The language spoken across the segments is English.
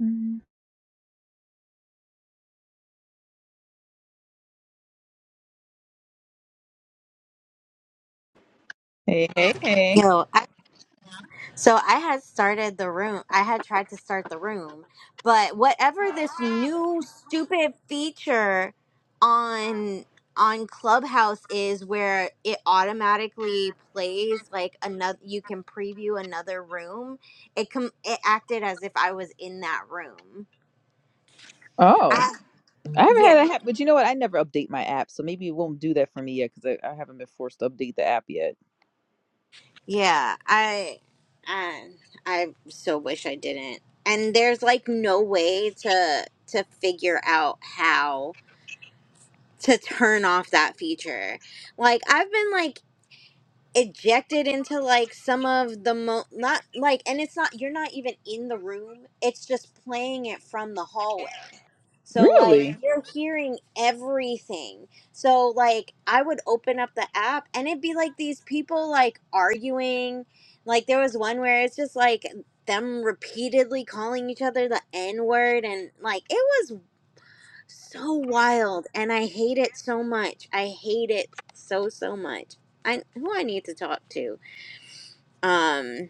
Mm. Hey, hey, hey. Yo, I, so I had started the room. I had tried to start the room, but whatever this new stupid feature on on Clubhouse is, where it automatically plays like another, you can preview another room. It com it acted as if I was in that room. Oh, I, I haven't had yeah, that happen. But you know what? I never update my app, so maybe it won't do that for me yet because I, I haven't been forced to update the app yet. yeah. I, I, I so wish I didn't. And there's like no way to to figure out how. to turn off that feature. Like I've been like ejected into like some of the mo not like and it's not you're not even in the room. It's just playing it from the hallway. So like Really? you're hearing everything. So like I would open up the app and it'd be like these people like arguing. Like there was one where it's just like them repeatedly calling each other the N word and like it so wild and I hate it so much. I hate it so so much. I who I need to talk to. Um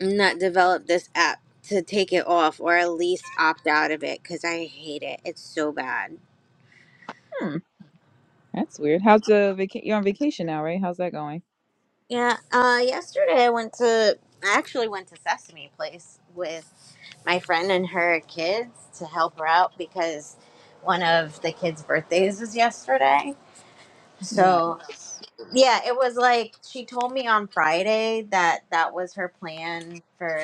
not develop this app to take it off or at least opt out of it cuz I hate it. It's so bad. Hmm, that's weird. How's the vacation? You're on vacation now, right? How's that going? Yeah, uh yesterday I went to I actually went to Sesame Place with my friend and her kids to help her out because one of the kids' birthdays was yesterday. No, So it's- Yeah, it was like she told me on Friday that that was her plan for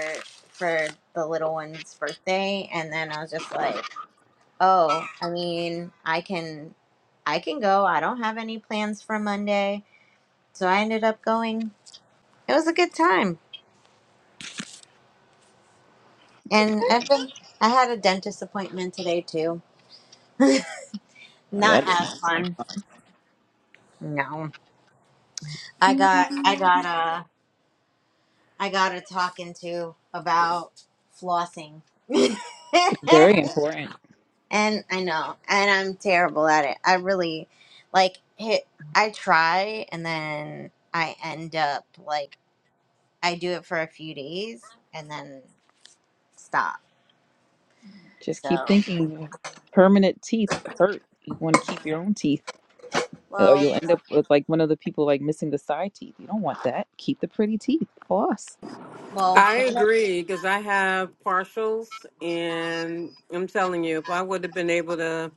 for the little one's birthday, and then I was just like, "Oh, I mean, I can, I can go. I don't have any plans for Monday." So I ended up going. It was a good time, and I've been. I had a dentist appointment today too. no, Not that doesn't as sound like fun. No, I got, I got a, I got a talking to about flossing. it's very important. And I know, and I'm terrible at it. I really like hit, I try and then I end up like I do it for a few days and then stop. Just keep So, thinking. Permanent teeth hurt. You want to keep your own teeth, or well, you'll end up with like one of the people like missing the side teeth. You don't want that. Keep the pretty teeth. Floss. well, I one of- agree because I have partials, and I'm telling you, if I would have been able to,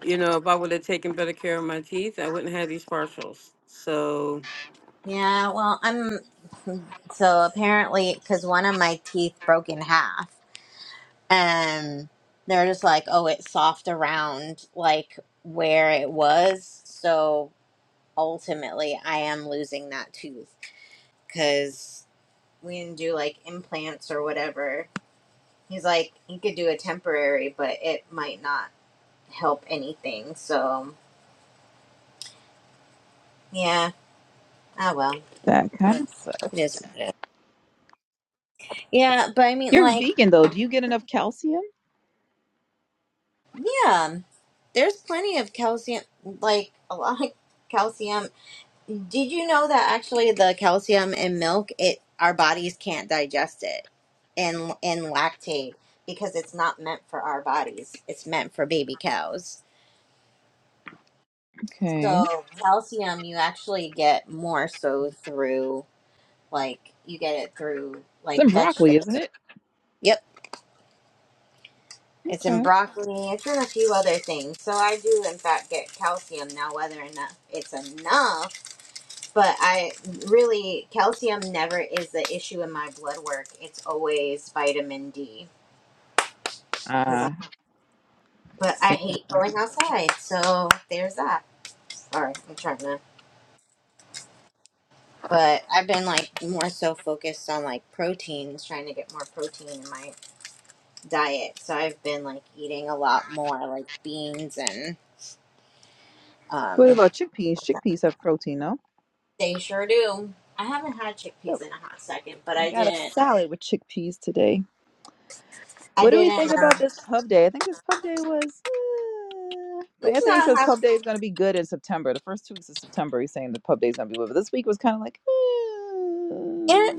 you know, if I would have taken better care of my teeth, I wouldn't have these partials. So, yeah, well, I'm so apparently because one of my teeth broke in half and they're just like, oh, it's soft around like where it was. So ultimately, I am losing that tooth because. we didn't do like implants or whatever. He's like, he could do a temporary, but it might not help anything. So, yeah. Ah, well. That kind of. It is what it is. Yeah, but I mean, You're like, vegan though. Do you get enough calcium? yeah, there's plenty of calcium, like, a lot of calcium. Did you know that actually the calcium in milk, it our bodies can't digest it and in lactate because it's not meant for our bodies. It's meant for baby cows. Okay. So calcium you actually get more so through like you get it through It's like in broccoli, vegetables. isn't it? Yep. It's in Okay. broccoli, it's in a few other things. So I do in fact get calcium now whether or not it's enough, but I really calcium never is the issue in my blood work. It's always vitamin D cuz I Ah, but I see. hate going outside. So there's that. All right, I'm trying to but I've been like more so focused on like proteins, trying to get more protein in my diet. So I've been like eating a lot more like beans and What um about chickpeas? Chickpeas have protein, no? they sure do. I haven't had So chickpeas in a hot second, but I I got a didn't. salad with chickpeas today. I What do we didn't. think about Uh, this pub day? I think this pub day was. eh, But it's Anthony says not pub have. day is going to be good in September. The first two weeks of September, he's saying the pub day is going to be good. But this week was kind of like. eh. There,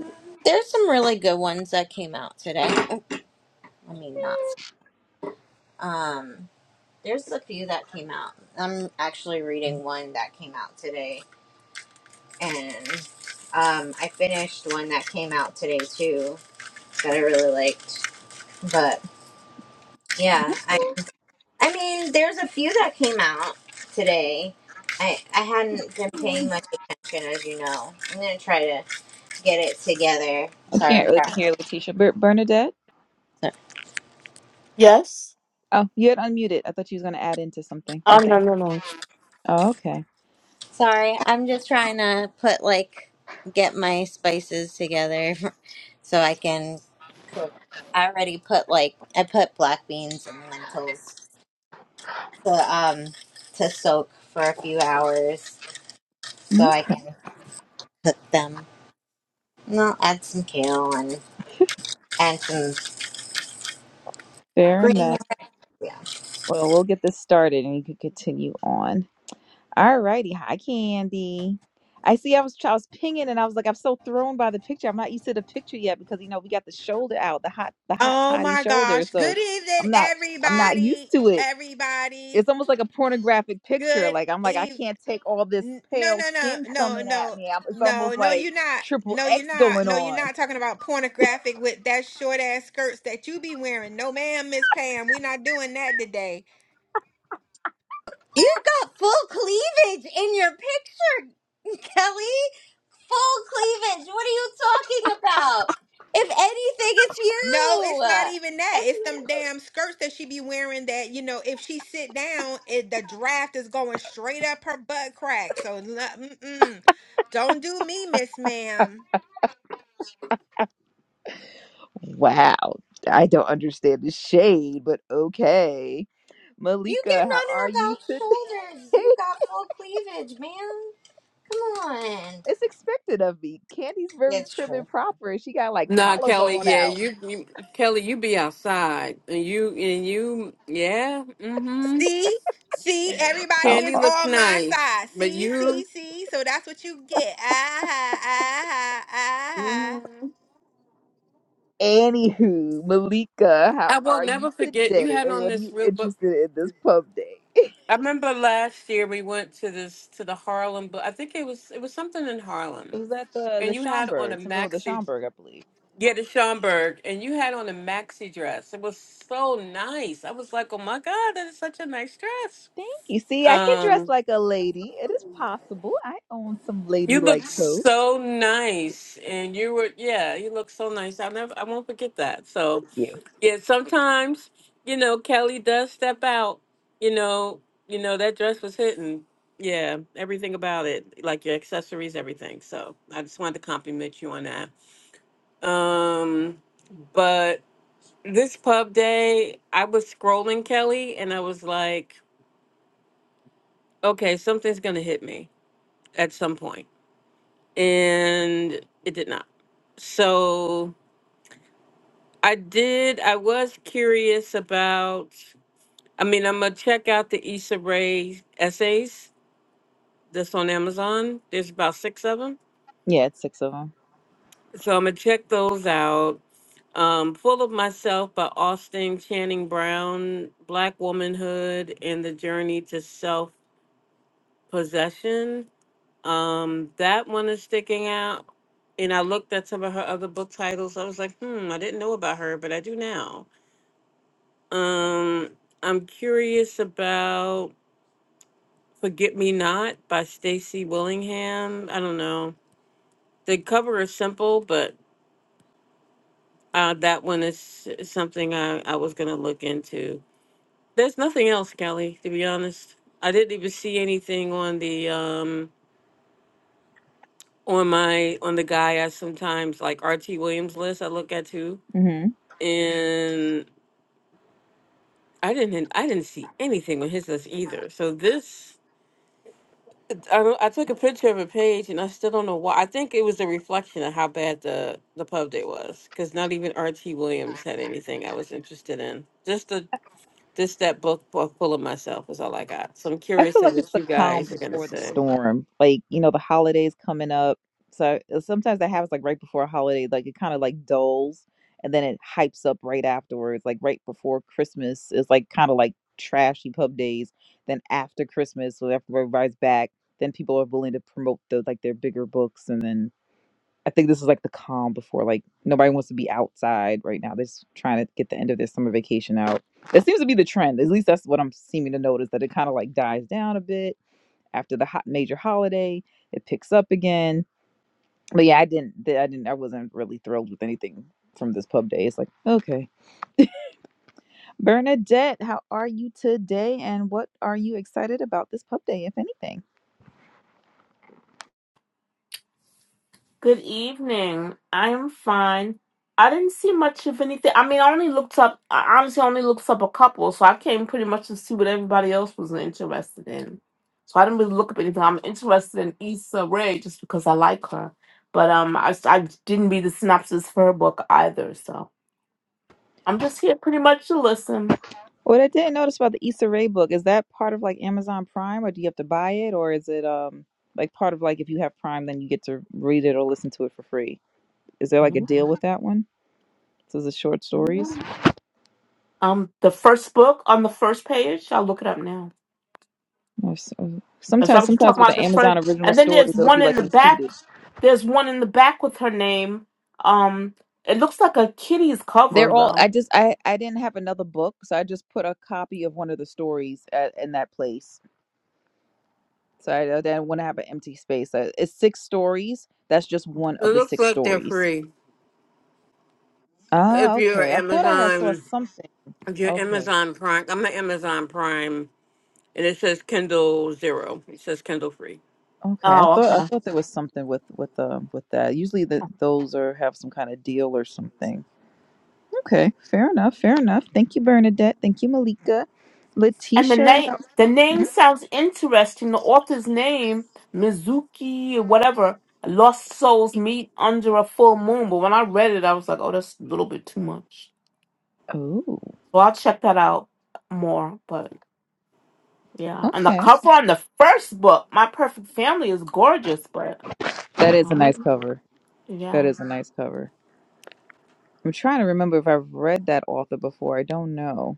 there's some really good ones that came out today. Oh, I mean, not. Um, there's a few that came out. I'm actually reading one that came out today, and um, I finished one that came out today too that I really liked. But yeah, I I mean, there's a few that came out today. I I hadn't been paying much attention, as you know. I'm gonna try to get it together. I Sorry, can't I'm really hear trying. Letitia. Ber- Bernadette? Yes. Oh, you had unmuted. I thought you was going to add into something. Oh Okay. no no no. Oh, okay. Sorry, I'm just trying to put like get my spices together so I can cook. I already put like I put black beans and lentils to um to soak for a few hours so Mhm. I can cook them. And I'll add some kale and and some Fair enough. green. Yeah. Well, we'll get this started and you can continue on. All righty. Hi, Candy. I see I was I was pinging and I was like, I'm so thrown by the picture. I'm not used to the picture yet because you know we got the shoulder out, the hot the hot Oh toddy my shoulder. gosh. So Good evening, I'm not I'm not used everybody. to it. Everybody. It's almost like a pornographic picture. Good Like I'm like, I eve. can't take all this n- No, pale no, no, skin no, coming at no, me. I'm, it's almost no, no, like you're not. triple No, X you're not. going No, you're on. not talking about pornographic with that short ass skirts that you be wearing. No, ma'am, Miss Pam. We're not doing that today. You got full cleavage in your picture, Kelly. Full cleavage. What are you talking about? If anything, it's No, it's you. not even that. It's It's them damn skirts that she be wearing that, you know, if she sit down, it, the draft is going straight up her butt crack. So, mm-mm. don't do me, Miss Ma'am. Wow. I don't understand the shade, but okay. you Malika, getting how on are her you about today? shoulders. You got full cleavage, man. Come on. It's expected of me. Candy's very It's prim true. and proper, and she got like nah, Kelly, collarbone yeah, out. you, you Kelly, you be outside, and you, and you, yeah, mm-hmm. See, see, everybody How Candy is are, looks on my nice, side. but See, see, you, see. So that's what you get. Ah, ah, ah, ah, ah, ah. mhm. anywho, Malika, how I will are you never forget. You today? had And on what are this you real book. interested in this pub day? I remember last year we went to this to the Harlem, but I think it was it was something in Harlem It was at the and the you had on a Schomburg, something with the maxi. Schomburg, I believe. Yeah, the Schomburg, and you had on a maxi dress. It was so nice. I was like, oh my god, that is such a nice dress. Thank you. See, I can dress Um, like a lady. It is possible. I own some you ladylike looked clothes. so nice, and you were yeah, you looked so nice. I'll never, I won't forget that. So Yeah, yeah, sometimes you know Kelly does step out. You know, you know that dress was hitting. Yeah, everything about it, like your accessories, everything. So I just wanted to compliment you on that. Um, but this pub day, I was scrolling Kelly and I was like, okay, something's going to hit me at some point. And it did not. So I did, I was curious about, I mean, I'm going to check out the Issa Rae essays that's on Amazon. There's about six of them. yeah, it's six of So I'm going to check those out. Um, Full of Myself by Austin Channing Brown, Black Womanhood and the Journey to Self Possession. Um, that one is sticking out. And I looked at some of her other book titles. I was like, hmm, I didn't know about her, but I do now. Um, I'm curious about Forget Me Not by Stacey Willingham. I don't know. The cover is simple, but uh, that one is something I, I was going to look into. There's nothing else, Kelly, to be honest. I didn't even see anything on the um, on my on the guy I sometimes like RT Williams list I look at too. them. And I didn't I didn't see anything on his list either. So this I don't- I took a picture of a page and I still don't know why. I think it was a reflection of how bad the the pub day was cuz not even RT Williams had anything I was interested in. Just the this that book book full of myself is all I got. So I'm I curious feel of like it's what the you calm guys are going to before the say. storm. Like, you know, the holidays coming up. So uh, sometimes that happens like right before a holiday, like it kind of like dulls and then it hypes up right afterwards. Like right before Christmas is like kind of like trashy pub days. Then after Christmas, so after everybody's back, then people are willing to promote the like their bigger books and then I think this is like the calm before like nobody wants to be outside right now. They're just trying to get the end of their summer vacation out. That seems to be the trend. At least that's what I'm seeming to notice that it kind of like dies down a bit after the hot major holiday. It picks up again. But yeah, I didn't. I didn't. I wasn't really thrilled with anything from this pub day. It's like okay, Bernadette, how are you today? And what are you excited about this pub day, if anything? Good evening. I am fine. I didn't see much of anything. I mean, I only looked up, I honestly only looked up a couple, so I came pretty much to see what everybody else was interested in. So I didn't really look up anything. I'm interested in Issa Rae just because I like her. But um, I, I didn't read the synopsis for her book either, so I'm just here pretty much to listen. What I didn't notice about the Issa Rae book is that part of like Amazon Prime, or do you have to buy it, or is it um like part of like if you have Prime, then you get to read it or listen to it for free? Is there like a Mhm. deal with that one? So is it short stories? Um, the first book on the first page, I'll look it up now. Or s- or- Is that Sometimes, what you're sometimes talking with about? the The first, Amazon original and then there's stories, it'll be one in like the back. included. There's one in the back with her name. Um, it looks like a kitty's cover They're all. I though. just. I. I didn't have another book, so I just put a copy of one of the stories at, in that place. So I, I didn't want to have an empty space. Uh, It's six stories. That's just one It of the looks six like they're stories. free. If Ah, you're okay. I thought I had saw Amazon something. Your Okay. Amazon Prime. I'm an Amazon Prime, and it says Kindle Zero. It says Kindle Free. Okay. I Oh, thought. I okay. thought there was something with with um with that. Usually the, those are have some kind of deal or something. Okay. Fair enough. Fair enough. Thank you, Bernadette. Thank you, Malika. And the Letitia. name, the name Mm, sounds interesting. The author's name, Mizuki, whatever. Lost souls meet under a full moon. But when I read it, I was like, oh, that's a little bit too much. Oh. So I'll check that out more. But yeah, and the Okay. cover on the first book, My Perfect Family, is gorgeous. But That is a nice um, cover. yeah. That is a nice cover. I'm trying to remember if I've read that author before. I don't know.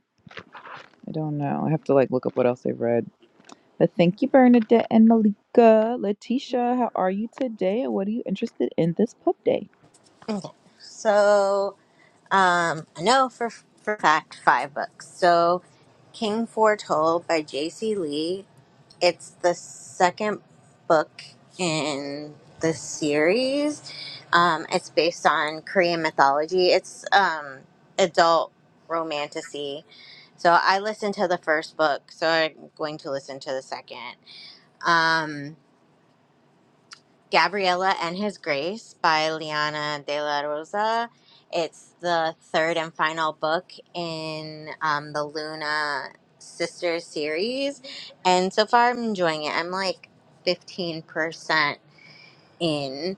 I don't know. I have to like look up what else they've read. But thank you, Bernadette and Malika. Letitia, how are you today? And what are you interested in this pub day? So um, I know for for a fact five books. So King Foretold by J.C. Lee. It's the second book in the series. Um, it's based on Korean mythology. It's um, adult romanticy. So I listened to the first book, so I'm going to listen to the second. Um, Gabriella and His Grace by Liana de la Rosa. It's the third and final book in um, the Luna Sisters series. And so far, I'm enjoying it. I'm like 15% in.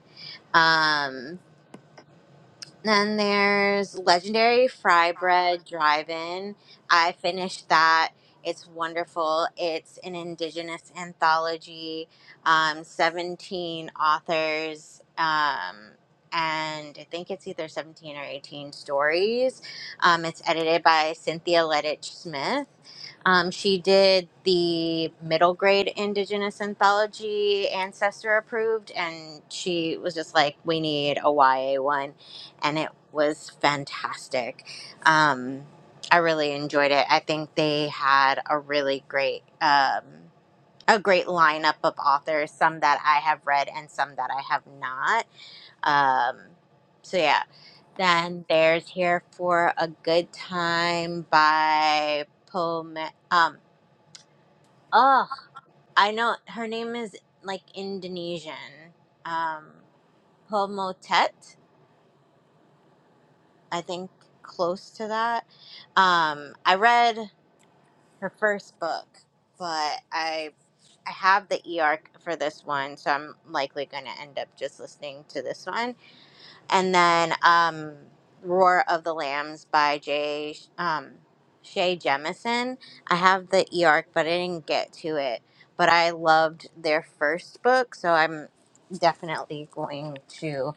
Um, then there's Legendary Fry Bread Drive In. I finished that. It's wonderful. It's an indigenous anthology, um, 17 authors, um, and I think it's either 17 or 18 stories. Um, it's edited by Cynthia Lettich Smith. Um, she did the middle grade Indigenous anthology, Ancestor approved, and she was just like, we need a YA one and it was fantastic. Um, I really enjoyed it. I think they had a really great um, a great lineup of authors, some that I have read and some that I have not. Um, so yeah. Then there's Here for a Good Time by Pome um oh I know her name is like Indonesian. Um Pomotet. I think close to that. Um, I read her first book, but I I have the e arc for this one, so I'm likely going to end up just listening to this one. And then um, Roar of the Lambs by Jay um, Shay Jemison. I have the e arc, but I didn't get to it. But I loved their first book, so I'm definitely going to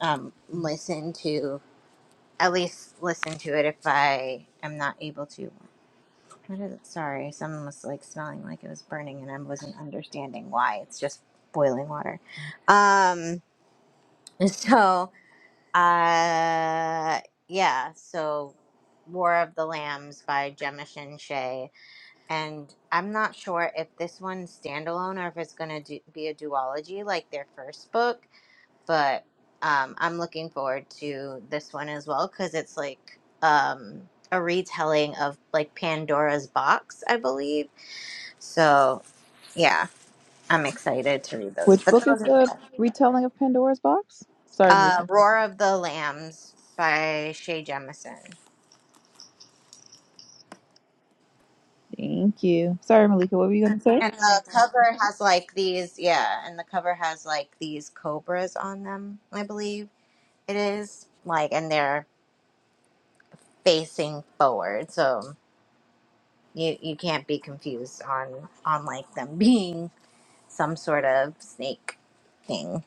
um, listen to at least listen to it if I am not able to. What is it? Sorry, someone was like smelling like it was burning, and I wasn't understanding why. It's just boiling water. Um. So, uh, yeah. So, War of the Lambs by Gemma Shea, and I'm not sure if this one's standalone or if it's gonna do, be a duology like their first book but um, I'm looking forward to this one as well because it's like um, a retelling of like Pandora's Box, I believe. So yeah, I'm excited to read those. Which But book is those are the retelling of Pandora's box? Sorry, uh, Malika. Roar of the Lambs by Shay Jemison. Thank you. Sorry, Malika. What were you gonna say? And the cover has like these, yeah, and the cover has like these cobras on them, I believe it is. Like, and they're facing forward. So, You you can't be confused on on like them being some sort of snake thing.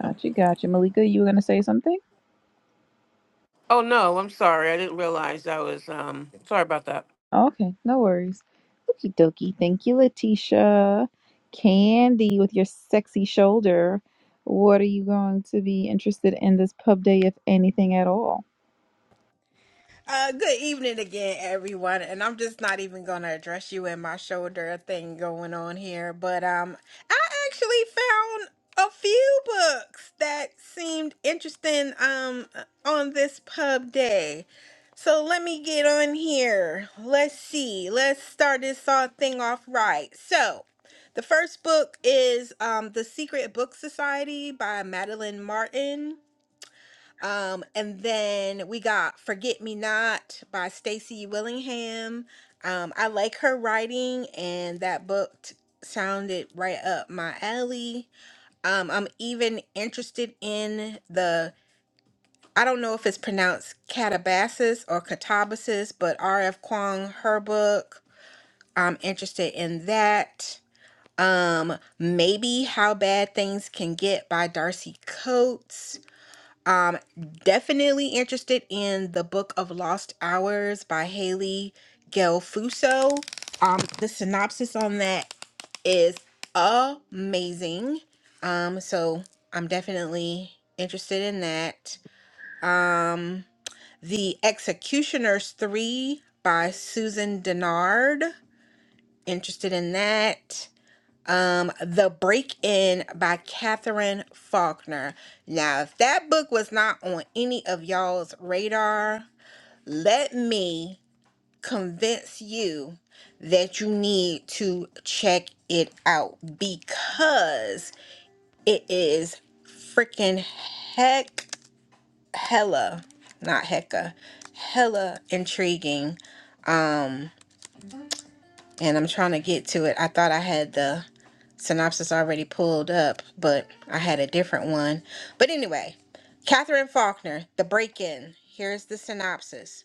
Gotcha, gotcha. Malika, you were gonna say something? Oh no, I'm sorry. I didn't realize I was. Um, sorry about that. Okay, no worries. Okie dokie. Thank you, Letitia. Candy, with your sexy shoulder, what are you going to be interested in this pub day, if anything at all? Uh, good evening again, everyone. And I'm just not even gonna address you in my shoulder thing going on here, but um, I actually found a few books that seemed interesting um on this pub day. So let me get on here. Let's see. Let's start this all thing off right. So. The first book is um, The Secret Book Society by Madeline Martin. Um, and then we got Forget Me Not by Stacey Willingham. Um, I like her writing, and that book t- sounded right up my alley. Um, I'm even interested in the, I don't know if it's pronounced Catabasis or Catabasis, but R.F. Kuang, her book. I'm interested in that. Um, maybe How Bad Things Can Get by Darcy Coates. Um, definitely interested in the book of Lost Hours by Haley Gelfuso. Um, the synopsis on that is amazing. Um, so I'm definitely interested in that. Um, The Executioners Three by Susan Denard. Interested in that um The Break In by Catherine Faulkner. Now, if that book was not on any of y'all's radar, let me convince you that you need to check it out because it is freaking heck hella not hecka hella intriguing Um, and I'm trying to get to it. I thought I had the synopsis already pulled up, but I had a different one. But anyway, Catherine Faulkner, The Break In. Here's the synopsis.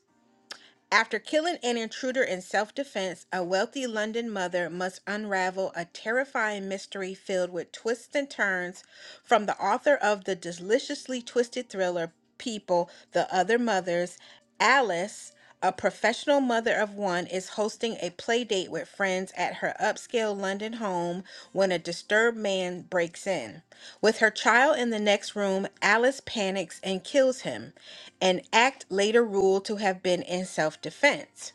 After killing an intruder in self defense, a wealthy London mother must unravel a terrifying mystery filled with twists and turns from the author of the deliciously twisted thriller People, The Other Mothers, Alice, a professional professional mother of one is hosting a play date with friends at her upscale London home when a disturbed man breaks in. With her child in the next room, Alice panics and kills him, an act later ruled to have been in self defense.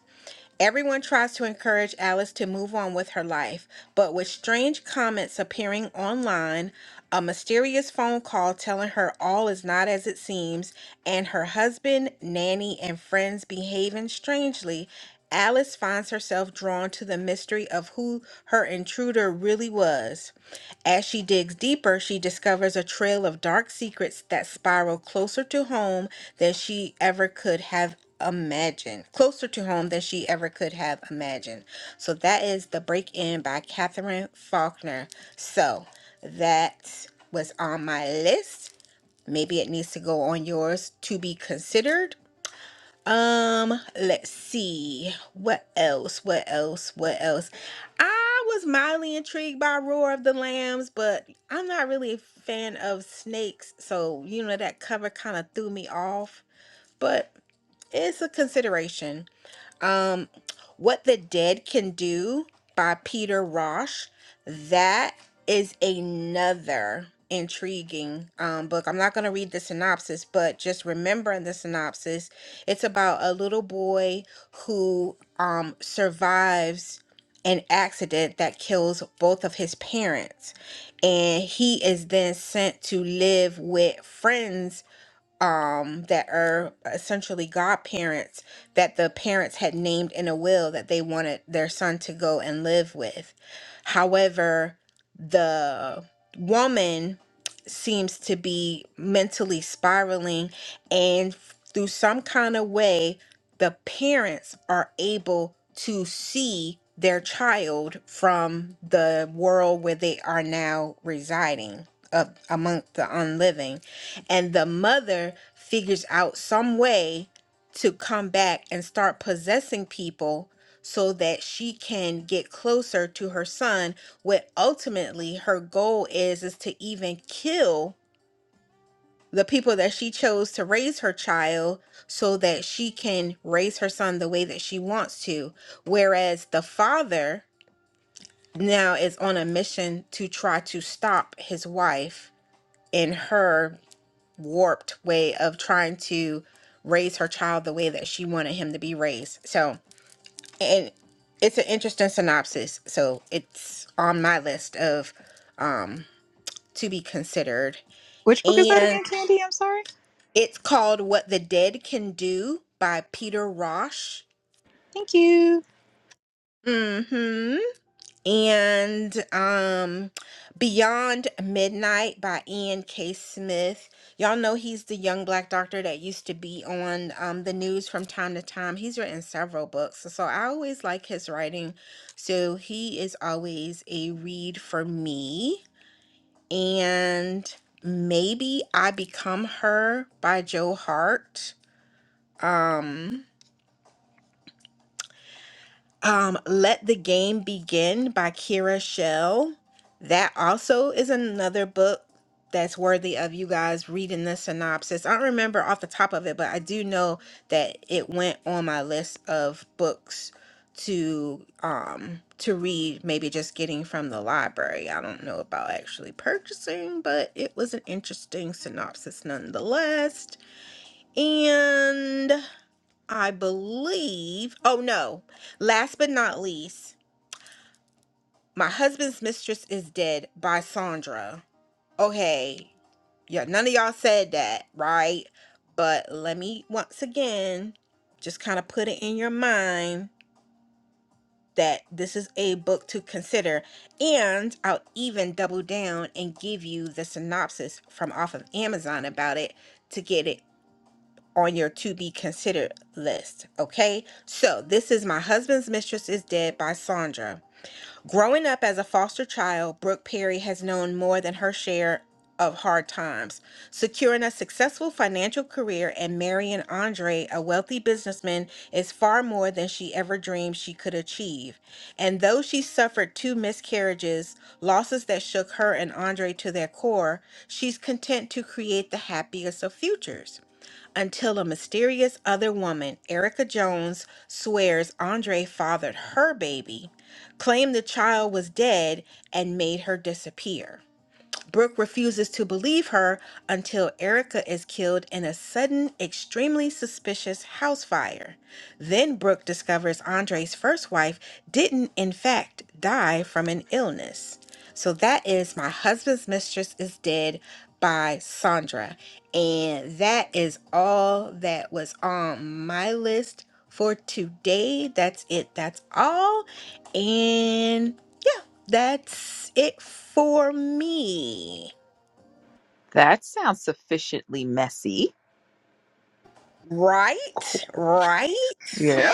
Everyone tries to encourage Alice to move on with her life, but with strange comments appearing online, a mysterious phone call telling her all is not as it seems, and her husband, nanny, and friends behaving strangely, Alice finds herself drawn to the mystery of who her intruder really was. As she digs deeper, she discovers a trail of dark secrets that spiral closer to home than she ever could have imagined. Closer to home than she ever could have imagined. So that is The Break In by Catherine Faulkner. So that was on my list. Maybe it needs to go on yours to be considered um, let's see. What else? What else? What else? I was mildly intrigued by Roar of the Lambs, but I'm not really a fan of snakes, so you know that cover kind of threw me off, but it's a consideration um, What the Dead Can Do by Peter Rosh. That is another intriguing um, book. I'm not going to read the synopsis, but just remembering the synopsis, it's about a little boy who um, survives an accident that kills both of his parents. And he is then sent to live with friends um that are essentially godparents that the parents had named in a will that they wanted their son to go and live with. However, the woman seems to be mentally spiraling and through some kind of way the parents are able to see their child from the world where they are now residing uh, among the unliving and the mother figures out some way to come back and start possessing people so that she can get closer to her son what ultimately her goal is is to even kill the people that she chose to raise her child so that she can raise her son the way that she wants to whereas the father now is on a mission to try to stop his wife in her warped way of trying to raise her child the way that she wanted him to be raised. So, and it's an interesting synopsis. So, it's on my list of um to be considered. Which book is that And again, Candy? I'm sorry. it's called What the Dead Can Do by Peter Rosh. Thank you. Mhm. and um Beyond Midnight by Ian K. Smith. Y'all know he's the young black doctor that used to be on um, the news from time to time. He's written several books, so so I always like his writing. So he is always a read for me. And maybe I Become Her by Joe Hart Um, Let the Game Begin by Kira Shell. That also is another book that's worthy of you guys reading the synopsis. I don't remember off the top of it, but I do know that it went on my list of books to um to read maybe just getting from the library. I don't know about actually purchasing, but it was an interesting synopsis nonetheless. And I believe, oh no, last but not least, My Husband's Mistress is Dead by Sandra. Okay, yeah, none of y'all said that, right? But let me once again just kind of put it in your mind that this is a book to consider. And I'll even double down and give you the synopsis from off of Amazon about it to get it on your to be considered list. Okay, so this is My Husband's Mistress is Dead by Sandra. Growing up as a foster child, Brooke Perry has known more than her share of hard times. Securing a successful financial career and marrying Andre, a wealthy businessman, is far more than she ever dreamed she could achieve. And though she suffered two miscarriages, losses that shook her and Andre to their core, she's content to create the happiest of futures until a mysterious other woman, Erica Jones, swears Andre fathered her baby, claimed the child was dead, and made her disappear. Brooke refuses to believe her until Erica is killed in a sudden, extremely suspicious house fire. Then Brooke discovers Andre's first wife didn't, in fact, die from an illness. So that is My Husband's Mistress is Dead by Sandra. And that is all that was on my list for today. That's it. That's all. And yeah. That's it for me. That sounds sufficiently messy. Right? Cool. Right? Yeah,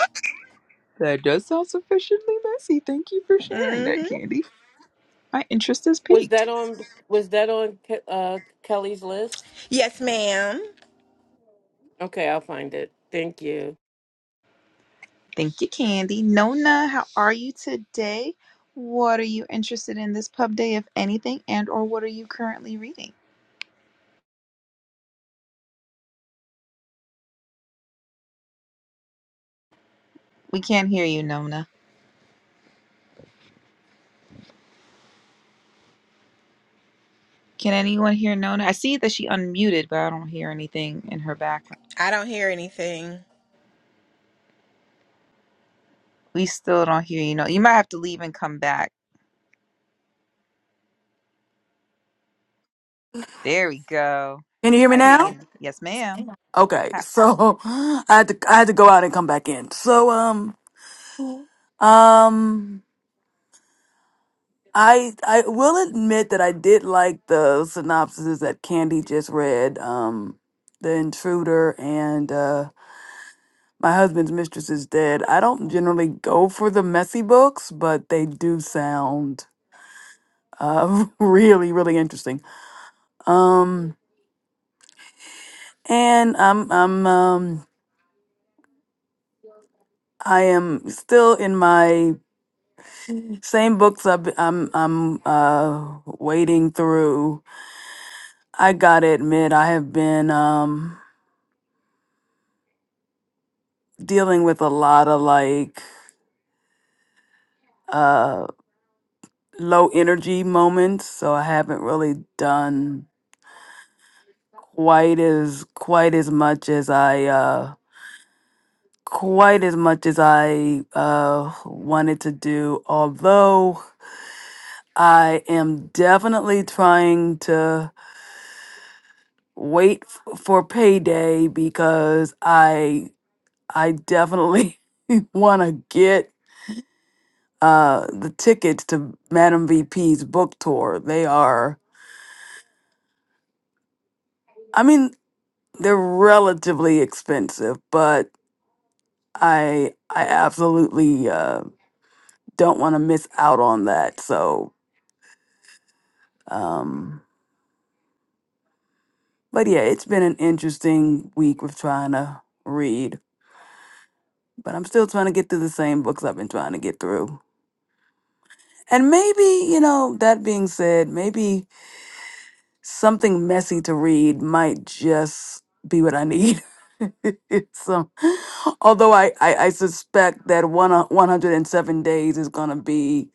that does sound sufficiently messy. Thank you for sharing that, Mm-hmm. Candy. My interest is Was piqued. that on? Was that on Ke- uh, Kelly's list? Yes, ma'am. Okay, I'll find it. Thank you. Thank you, Candy. Nona, how are you today? What are you interested in this pub day, if anything, and or what are you currently reading? We can't hear you, Nona. Can anyone hear Nona? I see that she unmuted, but I don't hear anything in her background. I don't hear anything. We still don't hear you. No, you might have to leave and come back. There we go. Can you hear me I hear you. now? now. Yes, ma'am. Okay, Ah, so I had to I had to go out and come back in. So um um I I will admit that I did like the synopsis that Candy just read. Um, the intruder and uh, my husband's mistress is dead. I don't generally go for the messy books, but they do sound uh really really interesting. Um, and I'm I'm um I am still in my Same books I've, be- am I'm uh wading through. I gotta admit, I have been um dealing with a lot of like uh low energy moments, so I haven't really done quite as quite as much as I uh quite as much as I uh wanted to do. Although I am definitely trying to wait f- for payday because I I definitely want to get uh, the tickets to Madam VP's book tour. They are, I mean, they're relatively expensive, but I I absolutely uh, don't want to miss out on that. So, um, but yeah, it's been an interesting week with trying to read, but I'm still trying to get through the same books I've been trying to get through. And maybe, you know, that being said, maybe something messy to read might just be what I need. Some, although I, I, I suspect that one hu- 107 days is going to be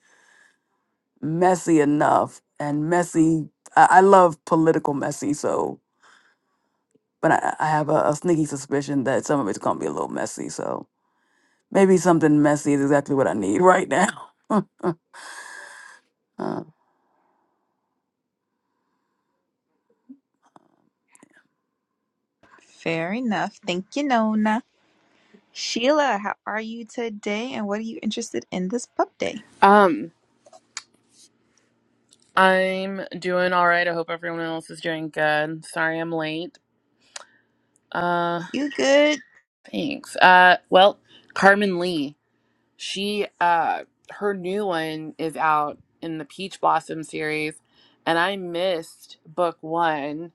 messy enough and messy. I, I love political messy, so, but I, I have a, a sneaky suspicion that some of it's going to be a little messy. So maybe something messy is exactly what I need right now. Uh, Fair enough. Thank you, Nona. Sheila, how are you today, and what are you interested in this pub day? Um, I'm doing all right. I hope everyone else is doing good. Sorry I'm late. Uh, You good? thanks. Uh, well, Carmen Lee, she uh her new one is out in the Peach Blossom series, and I missed book 1.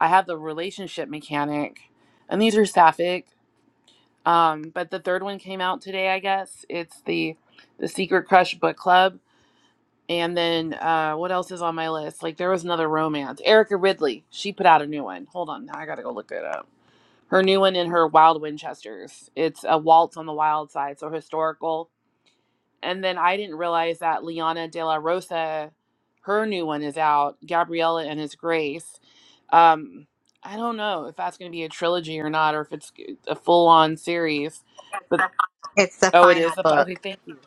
I have the relationship mechanic, and these are sapphic. Um, but the third one came out today, I guess. It's the the Secret Crush book club And then uh, what else is on my list? Like there was another romance. Erica Ridley. She put out a new one. Hold on, now I gotta go look it up. Her new one in her Wild Winchesters. It's a waltz on the wild side, so historical. And then I didn't realize that Liana De La Rosa, her new one is out. Gabriella and His Grace. Um, I don't know if that's gonna be a trilogy or not, or if it's a full on series. But It's the oh, it final is. A, fi- okay, book. thank you.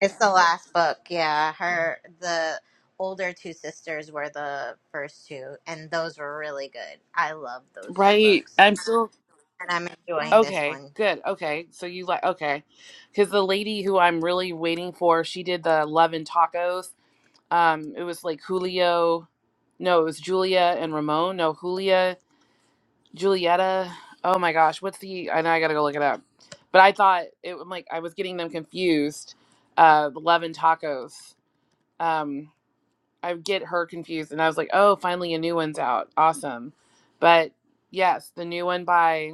It's the last book. Yeah, her the older two sisters were the first two, and those were really good. I love those two Right. books, I'm still and I'm enjoying this Okay, one. good. Okay, so you like okay, because the lady who I'm really waiting for, she did the Love and Tacos. Um, it was like Julio, no, it was Julia and Ramon. No, Julia, Julieta. Oh my gosh, what's the? I know I gotta go look it up. But I thought it. I'm like I was getting them confused. Uh, the Love and Tacos. Um, I would get her confused, and I was like, oh, finally a new one's out. Awesome. But yes, the new one by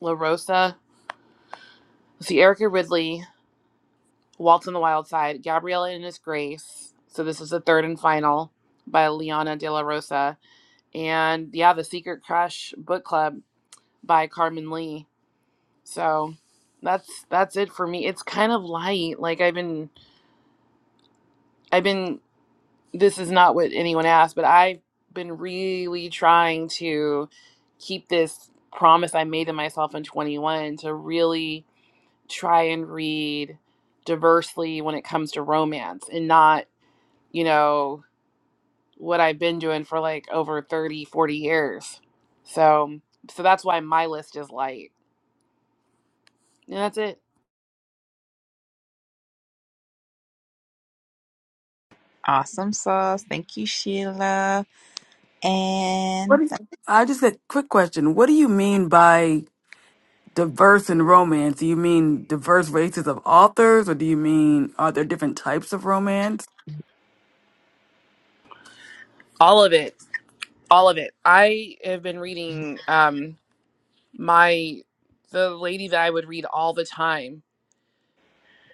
La Rosa. Let's see, Erica Ridley. Waltz on the Wild Side, Gabriella in His Grace. So this is the third and final by Liana De La Rosa. And yeah, The Secret Crush Book Club by Carmen Lee. So that's that's it for me. It's kind of light. Like I've been I've been this is not what anyone asked, but I've been really trying to keep this promise I made to myself in 21 to really try and read diversely when it comes to romance and not you know what I've been doing for like over 30, 40 years. So so that's why my list is light. And that's it. Awesome sauce. Thank you, Sheila. And I just got quick question. What do you mean by Diverse in romance, do you mean diverse races of authors, or do you mean are there different types of romance? All of it. All of it. I have been reading um my the lady that I would read all the time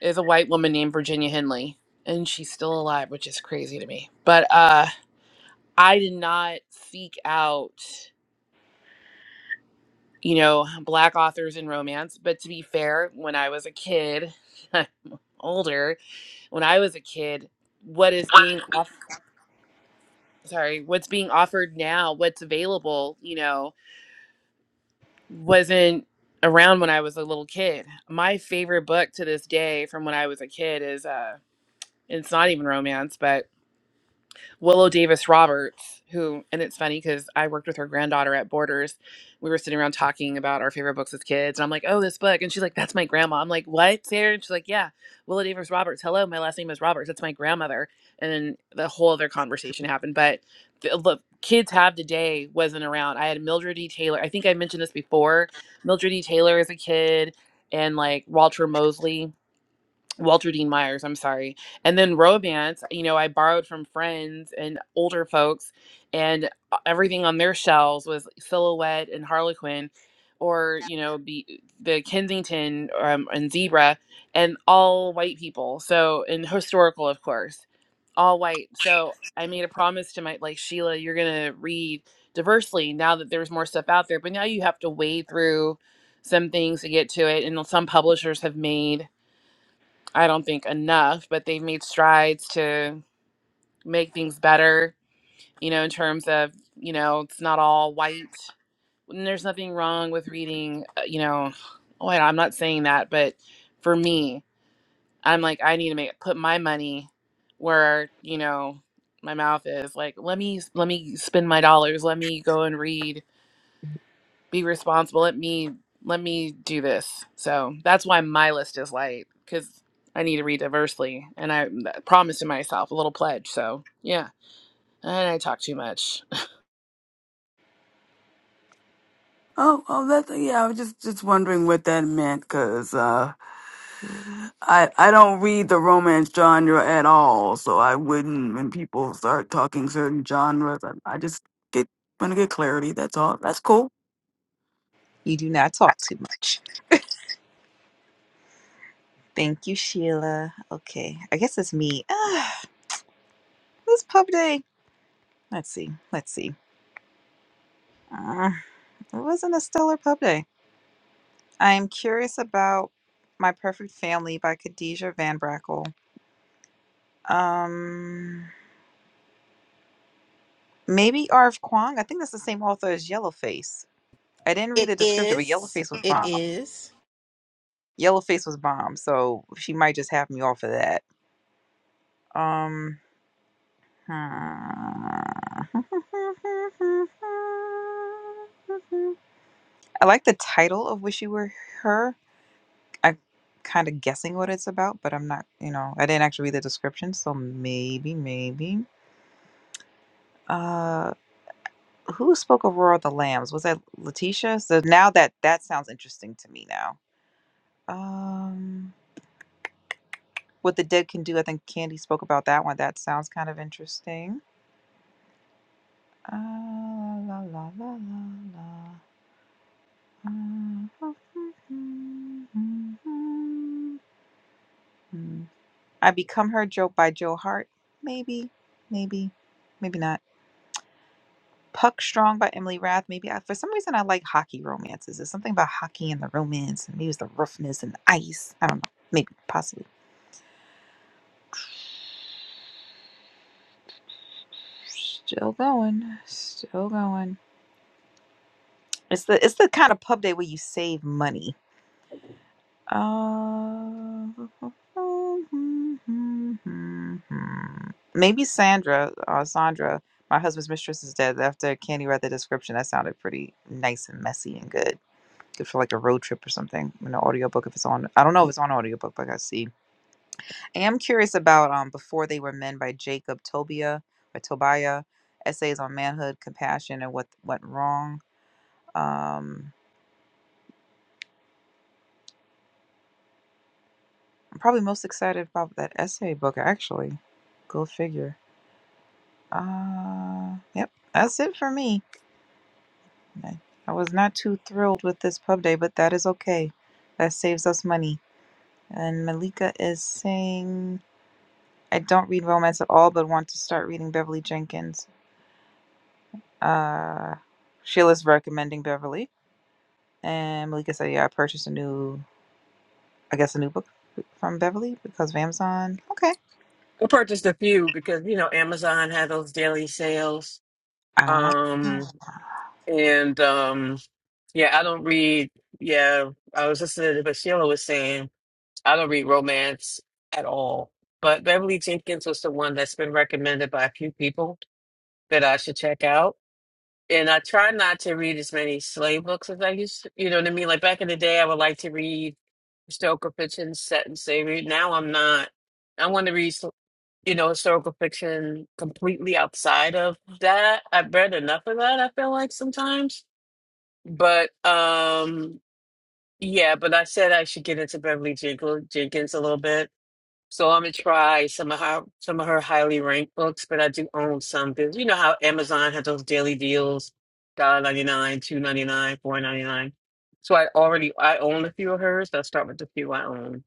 is a white woman named Virginia Henley. And she's still alive, which is crazy to me. But uh I did not seek out, you know, black authors in romance. But to be fair, when I was a kid, older. when I was a kid, what is being off- sorry, what's being offered now, what's available, you know, wasn't around when I was a little kid. My favorite book to this day from when I was a kid is uh it's not even romance, but Willow Davis Roberts, who, and it's funny because I worked with her granddaughter at Borders. We were sitting around talking about our favorite books as kids. And I'm like, oh, this book. And she's like, that's my grandma. I'm like, what, Sarah? And she's like, yeah, Willow Davis Roberts. Hello, my last name is Roberts. That's my grandmother. And then the whole other conversation happened. But the, look, kids have today wasn't around. I had Mildred E. Taylor. I think I mentioned this before. Mildred E. Taylor as a kid and like Walter Mosley. Walter Dean Myers, I'm sorry. And then romance, you know, I borrowed from friends and older folks, and uh, everything on their shelves was Silhouette and Harlequin, or, you know, be, the Kensington um, and Zebra, and all white people. So, and historical, of course, all white. So I made a promise to my, like, Sheila, you're going to read diversely now that there's more stuff out there. But now you have to wade through some things to get to it. And some publishers have made I don't think enough, but they've made strides to make things better, you know, in terms of, you know, it's not all white. And there's nothing wrong with reading, uh, you know, oh, I- I'm not saying that, but for me, I'm like, I need to make put my money where, you know, my mouth is like, let me, let me spend my dollars. Let me go and read be responsible. Let me let me do this. So that's why my list is light because I need to read diversely, and I promised to myself a little pledge. So yeah, and I talk too much. Oh, oh, that's yeah. I was just just wondering what that meant because uh, I I don't read the romance genre at all, so I wouldn't when people start talking certain genres. I, I just get want to get clarity. That's all. That's cool. you do not talk too much. Thank you, Sheila. Okay, I guess it's me. Ah, this pub day. Let's see. Let's see. Uh, it wasn't a stellar pub day. I am curious about My Perfect Family by Khadijah Van Brackle. Um, maybe Arv Kwong. I think that's the same author as Yellowface. I didn't read It the description, but is. Yellowface was It bomb. is. Yellowface was bomb, so she might just have me off of that. Um, Uh, I like the title of Wish You Were Her. I'm kind of guessing what it's about, but I'm not, you know, I didn't actually read the description, so maybe, maybe. Uh, who spoke of Roar of the Lambs? Was that Letitia? So now that that sounds interesting to me now. Um, What the Dead Can Do, I think Candy spoke about that one. That sounds kind of interesting. Uh, la, la, la, la, la. I Become Her Joke by Joe Hart. Maybe, maybe, maybe not. Puck Strong by Emily Rath. Maybe I, for some reason I like hockey romances. There's something about hockey and the romance, and maybe it's the roughness and the ice. I don't know. Maybe, possibly. Still going, still going. It's the it's the kind of pub day where you save money. Uh, maybe Sandra, uh, Sandra, my husband's mistress is dead. After Candy read the description, that sounded pretty nice and messy and good. Good for like a road trip or something in an audiobook if it's on. I don't know if it's on audiobook, but I gotta see. I am curious about um Before They Were Men by Jacob Tobia By Tobiah. Essays on manhood, compassion, and what went wrong. Um, I'm probably most excited about that essay book actually. Go figure. Uh, yep, that's it for me. I, I was not too thrilled with this pub day, but that is okay. That saves us money. And Malika is saying, I don't read romance at all, but want to start reading Beverly Jenkins. Uh, Sheila's recommending Beverly. And Malika said, Yeah, I purchased a new, I guess, a new book from Beverly because of Amazon. Okay. I purchased a few because you know Amazon had those daily sales. Ah, Um and um yeah, I don't read yeah, I was listening to what Sheila was saying I don't read romance at all. But Beverly Jenkins was the one that's been recommended by a few people that I should check out. And I try not to read as many slave books as I used to. You know what I mean? Like back in the day, I would like to read historical fiction set in slavery. Now I'm not. I want to read, you know, historical fiction completely outside of that. I've read enough of that, I feel like sometimes. But um yeah, but I said I should get into Beverly Jenkins Jenkins a little bit so I'm gonna try some of her some of her highly ranked books, but I do own some because you know how Amazon has those daily deals, dollar ninety nine, two ninety nine, four ninety nine. So I already I own a few of hers. so I'll start with the few I own.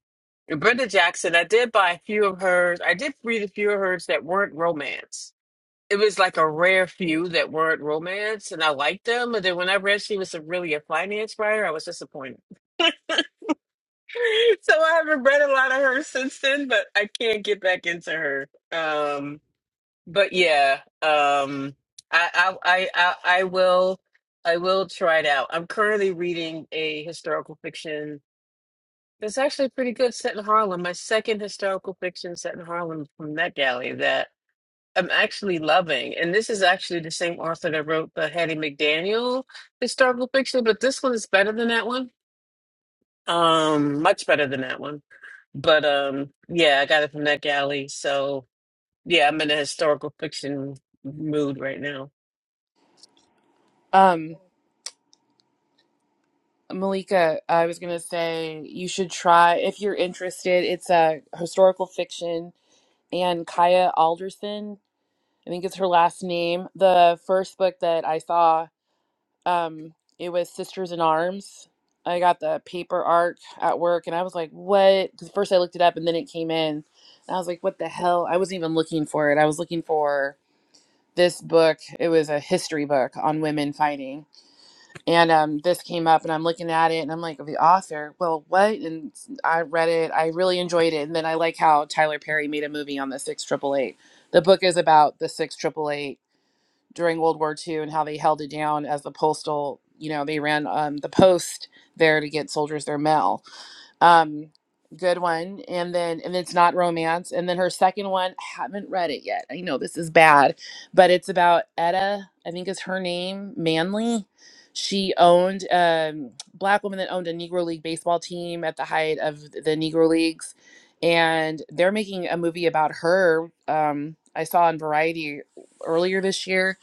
And Brenda Jackson, I did buy a few of hers. I did read a few of hers that weren't romance. It was like a rare few that weren't romance, and I liked them. But then when I read she was a, really a finance writer, I was disappointed so I haven't read a lot of her since then, but I can't get back into her. Um, but yeah, um, I, I, I, I I will, I will try it out. I'm currently reading a historical fiction that's actually pretty good, set in Harlem. My second historical fiction set in Harlem from Met Galley that I'm actually loving, and this is actually the same author that wrote the Hattie McDaniel historical fiction, but this one is better than that one um, much better than that one. But um, yeah, I got it from that galley. So yeah, I'm in a historical fiction mood right now. Um, Malika, I was gonna say you should try if you're interested. It's a historical fiction, and Kaya Alderson. I think it's her last name. The first book that I saw Um, it was Sisters in Arms. I got the paper arc at work, and I was like, "What?" Because first I looked it up, and then it came in, and I was like, "What the hell?" I wasn't even looking for it. I was looking for this book. It was a history book on women fighting, and um, this came up, and I'm looking at it, and I'm like, "The author? Well, what?" And I read it. I really enjoyed it, and then I like how Tyler Perry made a movie on the six triple eight. The book is about the six triple eight during World War Two and how they held it down as the postal, you know, they ran um, the post there to get soldiers their mail. Um, good one. And then, and it's not romance. And then her second one, I haven't read it yet. I know this is bad, but it's about Etta, I think is her name, Manley. She owned a um, black woman that owned a Negro League baseball team at the height of the Negro Leagues. And they're making a movie about her. Um, I saw on Variety earlier this year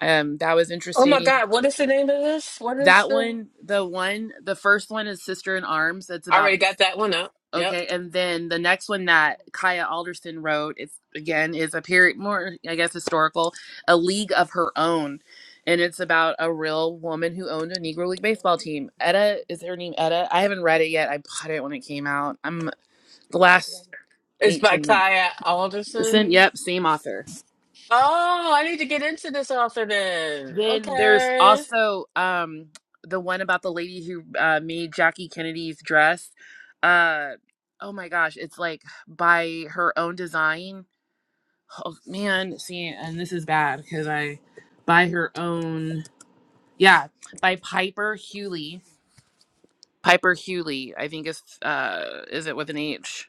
um, that was Oh my interesting. God, what is the name of this? What is That the? one, the one, the first one is Sister in Arms. That's I about already this. got that one up. Yep, Okay, and then the next one that Kaya Alderson wrote, it's again is a period more, I guess, historical, a league of her own, and it's about a real woman who owned a Negro League baseball team. Etta is her name. Etta. I haven't read it yet. I bought it when it came out. I'm the last it's by eighteen months. Kaya Alderson. Listen, yep, same author. Oh, I need to get into this author then. Then there's Okay. also um the one about the lady who uh, made Jackie Kennedy's dress. Uh oh my gosh, it's like by her own design. Oh man, see, and this is bad because I by her own yeah by Piper Hewley. Piper Hewley, I think is uh is it with an H?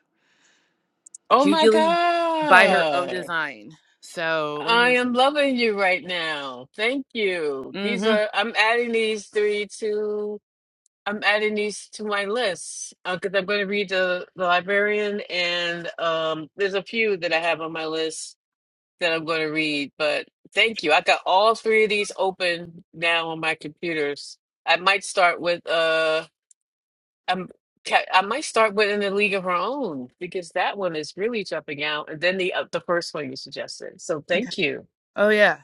Oh my Hewley by her own God. design. So let me I make. am loving you right now. Thank you. Mm-hmm. These are, I'm adding these three to. I'm adding these to my list because I'm going to read the the librarian, and um, there's a few that I have on my list that I'm going to read. But thank you, I got all three of these open now on my computers. I might start with uh, I'm ca- I might start with in the league of her own because that one is really jumping out, and then the uh, the first one you suggested. So okay. thank you. Oh yeah,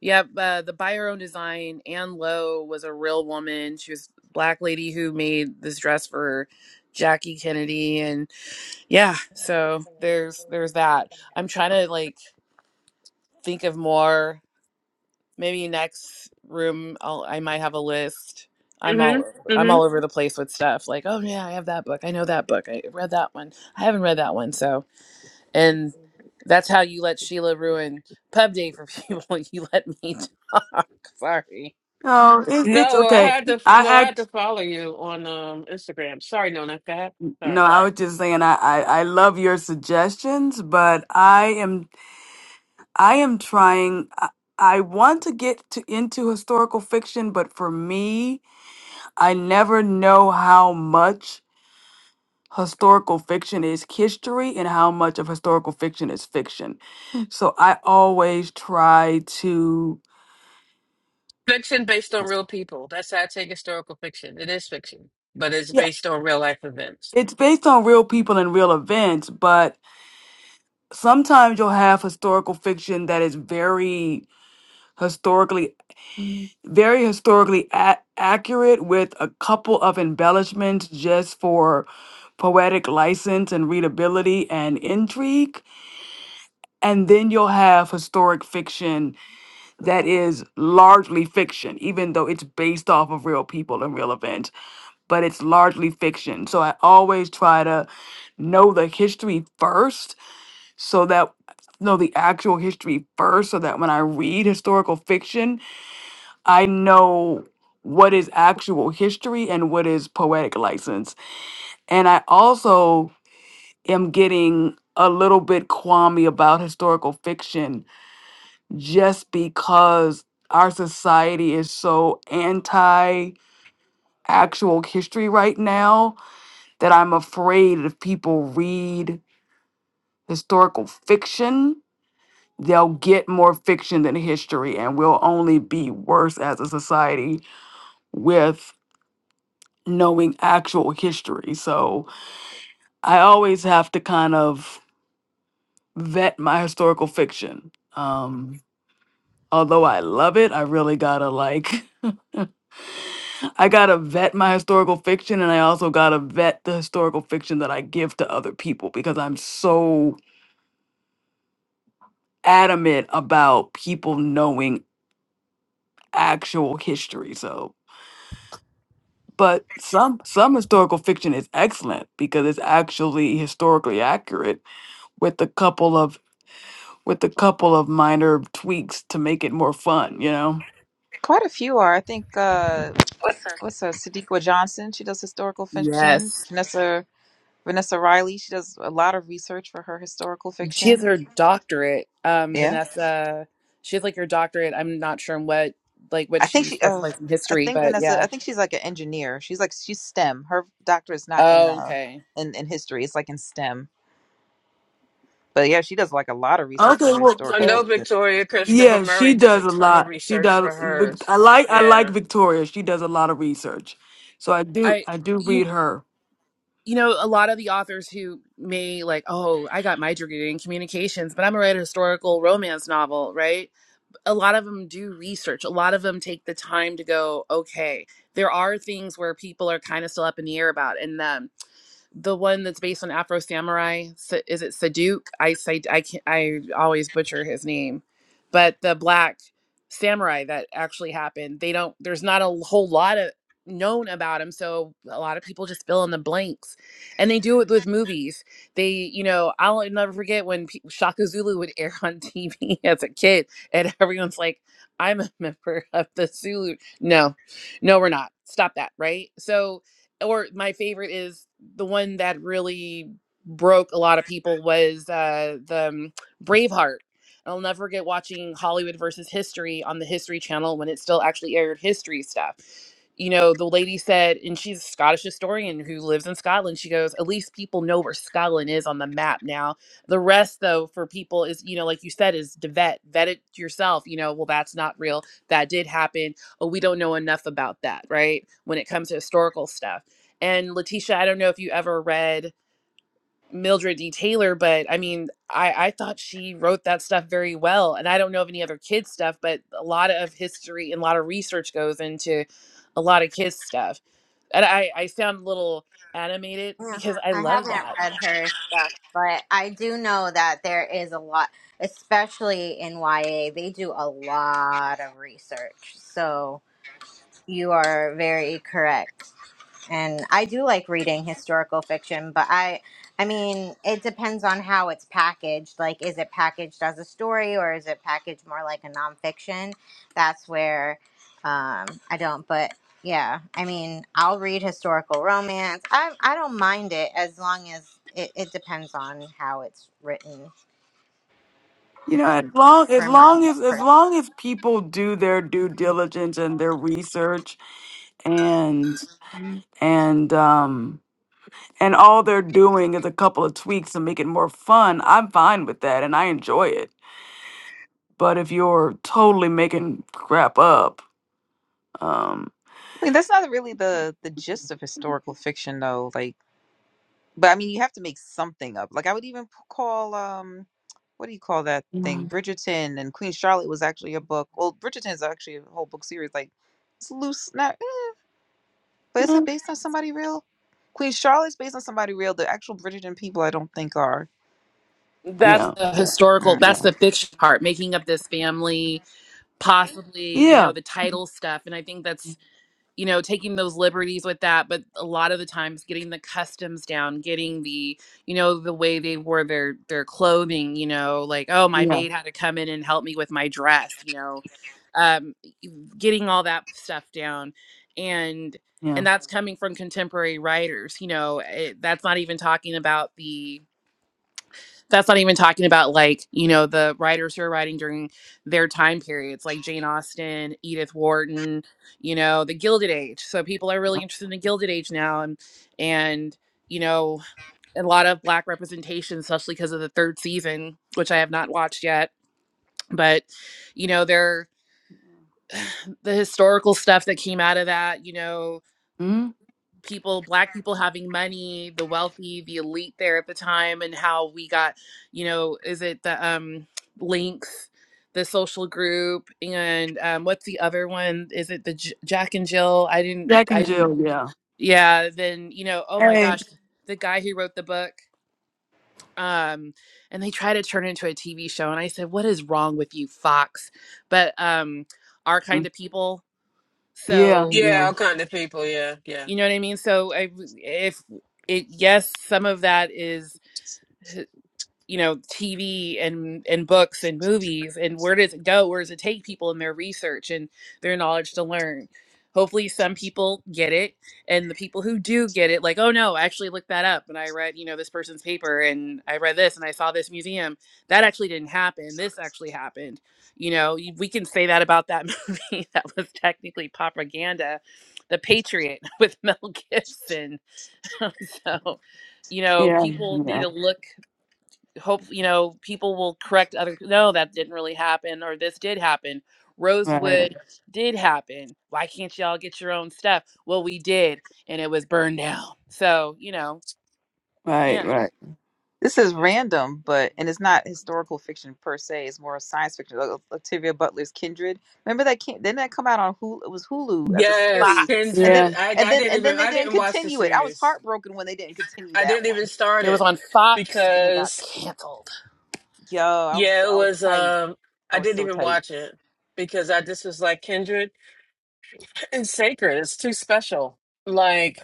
yep. Uh, the by her own design, Anne Lowe was a real woman. She was a black lady who made this dress for Jackie Kennedy, and yeah. So there's there's that. I'm trying to like think of more. Maybe next room, I'll, I might have a list. I'm all hmm over- I'm hmm all over the place with stuff. Like, oh yeah, I have that book. I know that book. I read that one. I haven't read that one. So and that's how you let Sheila ruin pub day for people. You let me talk. Sorry. No, it, it's No, I okay. had to no, I I had to act follow you on um Instagram. Sorry, Nona. Go ahead. Sorry. no. I was just saying I, I I love your suggestions, but I am I am trying. I I want to get to, into historical fiction, but for me, I never know how much historical fiction is history and how much of historical fiction is fiction. So I always try to. Fiction based on real people. That's how I take historical fiction. It is fiction, but it's Yeah, based on real life events. it's based on real people and real events, but sometimes you'll have historical fiction that is very historically very historically a- accurate with a couple of embellishments just for poetic license and readability and intrigue. And then you'll have historic fiction that is largely fiction, even though it's based off of real people and real events, but it's largely fiction. So I always try to know the history first so that know the actual history first so that when I read historical fiction I know what is actual history and what is poetic license. And I also am getting a little bit qualmy about historical fiction just because our society is so anti actual history right now that I'm afraid if people read historical fiction, they'll get more fiction than history and we'll only be worse as a society with knowing actual history. So I always have to kind of vet my historical fiction. Um, although I love it, I really gotta like, I gotta vet my historical fiction and I also gotta vet the historical fiction that I give to other people because I'm so adamant about people knowing actual history. So but some some historical fiction is excellent because it's actually historically accurate with a couple of with a couple of minor tweaks to make it more fun, you know. quite a few are. I think, uh, Listen. what's her, Sadiqa Johnson? She does historical fiction. Yes. Vanessa. Vanessa Riley. She does a lot of research for her historical She has fiction. her doctorate, um, Yeah. Vanessa. She has like her doctorate. I'm not sure in what like what I think she she, uh, specialized in I history, think but Vanessa, yeah. I think she's like an engineer. She's like she's STEM. Her doctorate's not in Oh, uh okay. in in history. It's like in STEM. But yeah, she does like a lot of research Okay, for her well, I historical know fiction. Oh Victoria y- Christopher yeah, she Murray does a does a ton of lot. She research for does. Vic- hers. I like I like Yeah. Victoria. She does a lot of research, so I do I I do you read her. you know, a lot of the authors who may like, oh, I got my degree in communications, but I'm gonna write a historical romance novel, right? a lot of them do research. A lot of them take the time to go, okay, there are things where people are kind of still up in the air about. and. um, the one that's based on Afro Samurai. Sa- Is it Saduke? I say I can I always butcher his name, but the black samurai that actually happened. They don't. There's not a whole lot of known about him, so a lot of people just fill in the blanks, and they do it with movies. They, you know, I'll never forget when pe- Shaka Zulu would air on TV as a kid, and everyone's like, "I'm a member of the Zulu." No, no, we're not. Stop that, right? So or my favorite is the one that really broke a lot of people was uh the um, Braveheart. And I'll never forget watching Hollywood versus History on the History Channel when it still actually aired history stuff. You know, the lady said, and she's a Scottish historian who lives in Scotland. She goes, At least people know where Scotland is on the map now. The rest, though, for people is, you know, like you said, is to vet, vet it yourself. You know, well, that's not real. That did happen oh, we don't know enough about that, right? When it comes to historical stuff. And Letitia, I don't know if you ever read Mildred D. Taylor, but I mean, I, I thought she wrote that stuff very well. And I don't know of any other kids' stuff, but a lot of history and a lot of research goes into a lot of kids' stuff. And I, I sound a little animated Yeah, because I I love haven't that. read her stuff, but I do know that there is a lot, especially in YA. They do a lot of research, so. You are very correct. And I do like reading historical fiction, but I I mean, it depends on how it's packaged. Like is it packaged as a story or is it packaged more like a nonfiction? That's where um I don't but yeah, I mean, I'll read historical romance. I I don't mind it as long as it, it depends on how it's written You know, as long as for me long as as long as people do their due diligence and their research, and and um and all they're doing is a couple of tweaks to make it more fun, I'm fine with that, and I enjoy it. But if you're totally making crap up, Um, I mean, that's not really the the gist of historical fiction though. Like, but I mean, you have to make something up. Like, I would even p- call um. What do you call that thing? Mm. Bridgerton and Queen Charlotte was actually a book. Well, Bridgerton is actually a whole book series. Like, it's loose. Not. But is eh, it based on somebody real? Queen Charlotte's based on somebody real. The actual Bridgerton people, I don't think are. That's yeah, the historical, Mm. that's yeah, the fiction part, making up this family, possibly, you yeah, know, the title stuff. And I think that's you know taking those liberties with that but a lot of the times getting the customs down getting the you know the way they wore their their clothing you know like oh my yeah, maid had to come in and help me with my dress you know um getting all that stuff down and yeah. and that's coming from contemporary writers you know it, that's not even talking about the that's not even talking about like you know the writers who are writing during their time periods like jane austen edith wharton you know the gilded age so people are really interested in the gilded age now and and you know a lot of black representation especially because of the third season which i have not watched yet but you know there the historical stuff that came out of that you know Mm? people black people having money the wealthy the elite there at the time and how we got you know is it the um links the social group and um what's the other one is it the J- jack and jill i didn't Jack i and didn't Jill, yeah. yeah then you know oh my Hey, gosh the guy who wrote the book um and they try to turn it into a tv show and i said what is wrong with you fox but um our kind Mm. of people yeah, so Yeah, yeah, all kind of people, yeah, yeah. you know what I mean? So I, if it, yes, some of that is you know tv and and books and movies and where does it go where does it take people in their research and their knowledge to learn hopefully some people get it and the people who do get it like oh no i actually looked that up and i read you know this person's paper and i read this and i saw this museum that actually didn't happen this actually happened you know y- we can say that about that movie that was technically propaganda the patriot with mel gibson so you know yeah, people need yeah. to look hope you know people will correct other no that didn't really happen or this did happen rosewood Right, did happen why can't y'all get your own stuff well we did and it was burned down so you know right, yeah right. This is random, but and it's not historical fiction per se. It's more science fiction. Like Octavia Butler's Kindred. Remember that? Came, didn't that come out on Hulu? It was Hulu as a Yes, series, fox and Kindred. then Yeah. I and I then didn't and then even they I didn't didn't watch the continue it. I was series. heartbroken when they didn't continue I that didn't even one. start it was it on fox and it got because canceled Yo, I was yeah, so, it I was was tight. um I I was didn't so even tight. watch it because I just was like Kindred and Sacred. It's too special. Like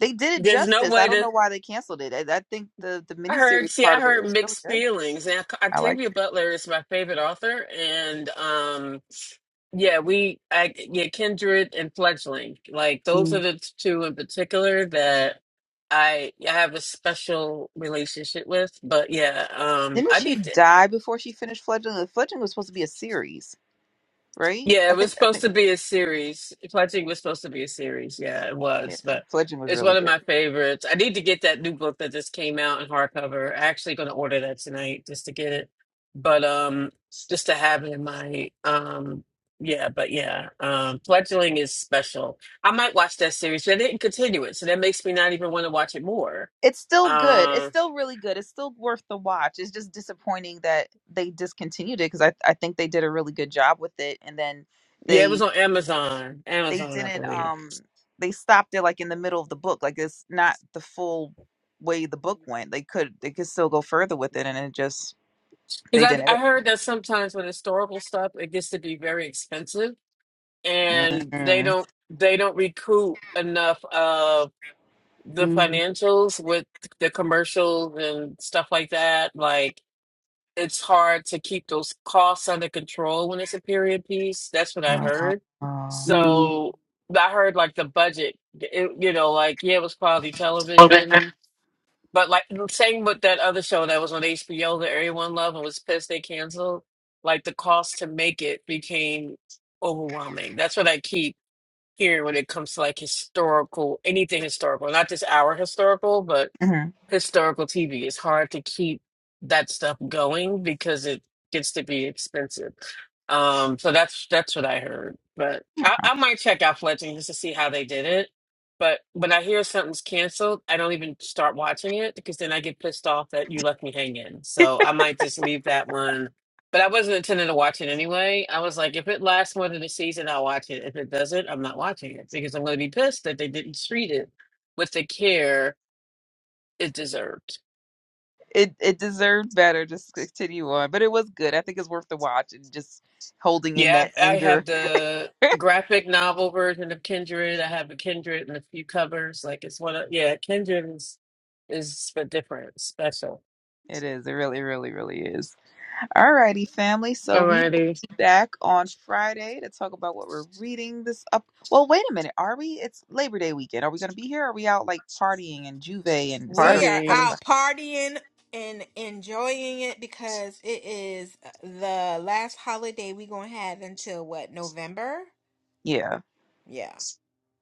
They did it there's no justice. way I don't to know why they canceled it. I, I think the the I heard miniseries see part I of it, it heard was really mixed good. feelings and Oct- I liked Octavia it. Butler is my favorite author and um Yeah, we, I, yeah, Kindred and Fledgling. Like those are Mm, the t- two in particular that I I have a special relationship with. But yeah, um, Didn't I she need to. die before she finished Fledgling? The Fledgling was supposed to be a series, right? Yeah, I it was think I supposed think to be a series. Pledging was supposed to be a series. Yeah, it yeah, was, but Fledgling was it's really one of good. my favorites. I need to get that new book that just came out in hardcover. I'm Actually, going to order that tonight just to get it. But um, just to have it in my um, yeah, but yeah, um, Fledgling is special. I might watch that series. They didn't continue it, so that makes me not even want to watch it more. It's still good. It's Um, still really good. It's still worth the watch. It's just disappointing that they discontinued it because I I think they did a really good job with it, and then yeah, it they was on Amazon. they Amazon, I didn't believe. um they stopped it like in the middle of the book. Like it's not the full way the book went. They could they could still go further with it, and it just they Because I, I didn't. heard that sometimes with historical stuff, it gets to be very expensive, and they Mm. don't they don't recoup enough of the mm, financials with the commercials and stuff like that. Like it's hard to keep those costs under control when it's a period piece. That's what I heard. Oh. mm. So I heard like the budget, it, you know, like yeah, it was quality television, but like same with that other show that was on HBO that everyone loved and was pissed they canceled, like the cost to make it became overwhelming. That's what I keep hearing when it comes to like historical, anything historical, not just our historical, but Mhm. historical TV. It's hard to keep that stuff going because it gets to be expensive. Um, so that's that's what I heard. But I, I might check out Fletching just to see how they did it. But when I hear something's canceled, I don't even start watching it because then I get pissed off that you left me hanging. So I might just leave that one. But I wasn't intending to watch it anyway. I was like, if it lasts more than a season, I'll watch it. If it doesn't, I'm not watching it because I'm going to be pissed that they didn't treat it with the care it deserved. it it deserved better. Just continue on, but it was good. I think it's worth the watch and just holding in Yeah, that I I have anger. the graphic novel version of Kindred. I have a Kindred and a few covers. Like it's one of yeah, Kindred is is a different special. It is. It really, really, really is. Alrighty, family. So we will Alrighty, be back on Friday to talk about what we're reading this up. Well, wait a minute. Are we? It's Labor Day weekend. Are we going to be here? Are we out like partying and juve and et cetera, We are et party. cetera? out partying and enjoying it because it is uh, the last holiday we going to have until what, November? Yeah. Yeah.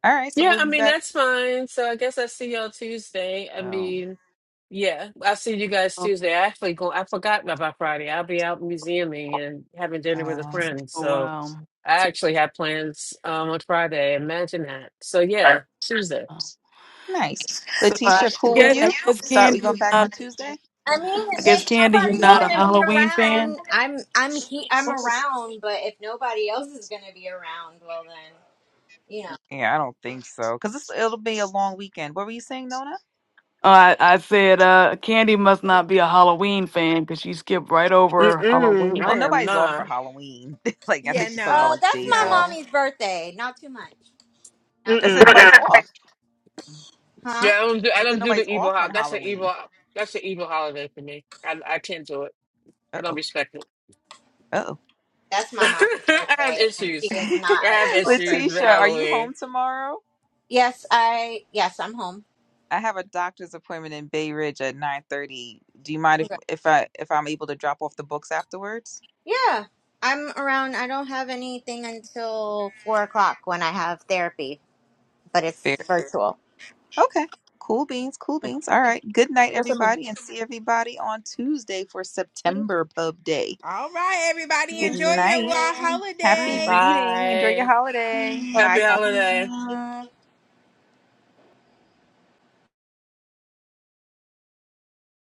All right. So Yeah, we'll I be mean back. that's fine. So I guess I see y'all Tuesday. I Wow. mean, yeah, I'll see you guys Oh, Tuesday. I actually go. I forgot about Friday. I'll be out museuming and having dinner with a Uh, friend. oh, So wow. I actually have plans um on Friday. Imagine that. So yeah, Tuesday. Oh. nice. So I Letitia, cool with guess, I you? guess Start. We Candy, you're going back not, on Tuesday? I mean, I guess if Candy, you're nobody's not a gonna be Halloween fan. around, I'm I'm he I'm around, but if nobody else is gonna be around, well then, you know. Yeah, I don't think so. Because it'll be a long weekend. What were you saying, Nona? Oh, I, I said uh, Candy must not be a Halloween fan because she skipped right over Mm-mm, Halloween. Well, I am nobody's off for not. Halloween. like, I Yeah, think she's talking about no, Uh like that's days my off. no. mommy's birthday. Not too much. Not I too much. said Mm-mm. nobody's off. Yeah, Huh? I don't do. I I said don't do the nobody's evil off on holiday. That's an Halloween. evil. That's an evil holiday for me. I, I tend to it. Uh I don't oh. respect it. Uh oh. That's my mommy's I have birthday and she issues. is not I an have evil issues with Letitia, person. are you Halloween. home tomorrow? Yes, I yes, I'm home. I have a doctor's appointment in Bay Ridge at nine thirty. Do you mind if Okay. if I if I'm able to drop off the books afterwards? Yeah. I'm around. I don't have anything until four o'clock when I have therapy, but Fair. it's virtual. Okay. Cool beans. Cool beans. All right. Good night, That's what I mean. everybody, and see everybody on Tuesday for Three, September Pub Day. All right, everybody, Good one, enjoy two, your night. four, wild one. Happy holiday. reading. Enjoy Bye. your holiday. Happy Bye. holiday. Thank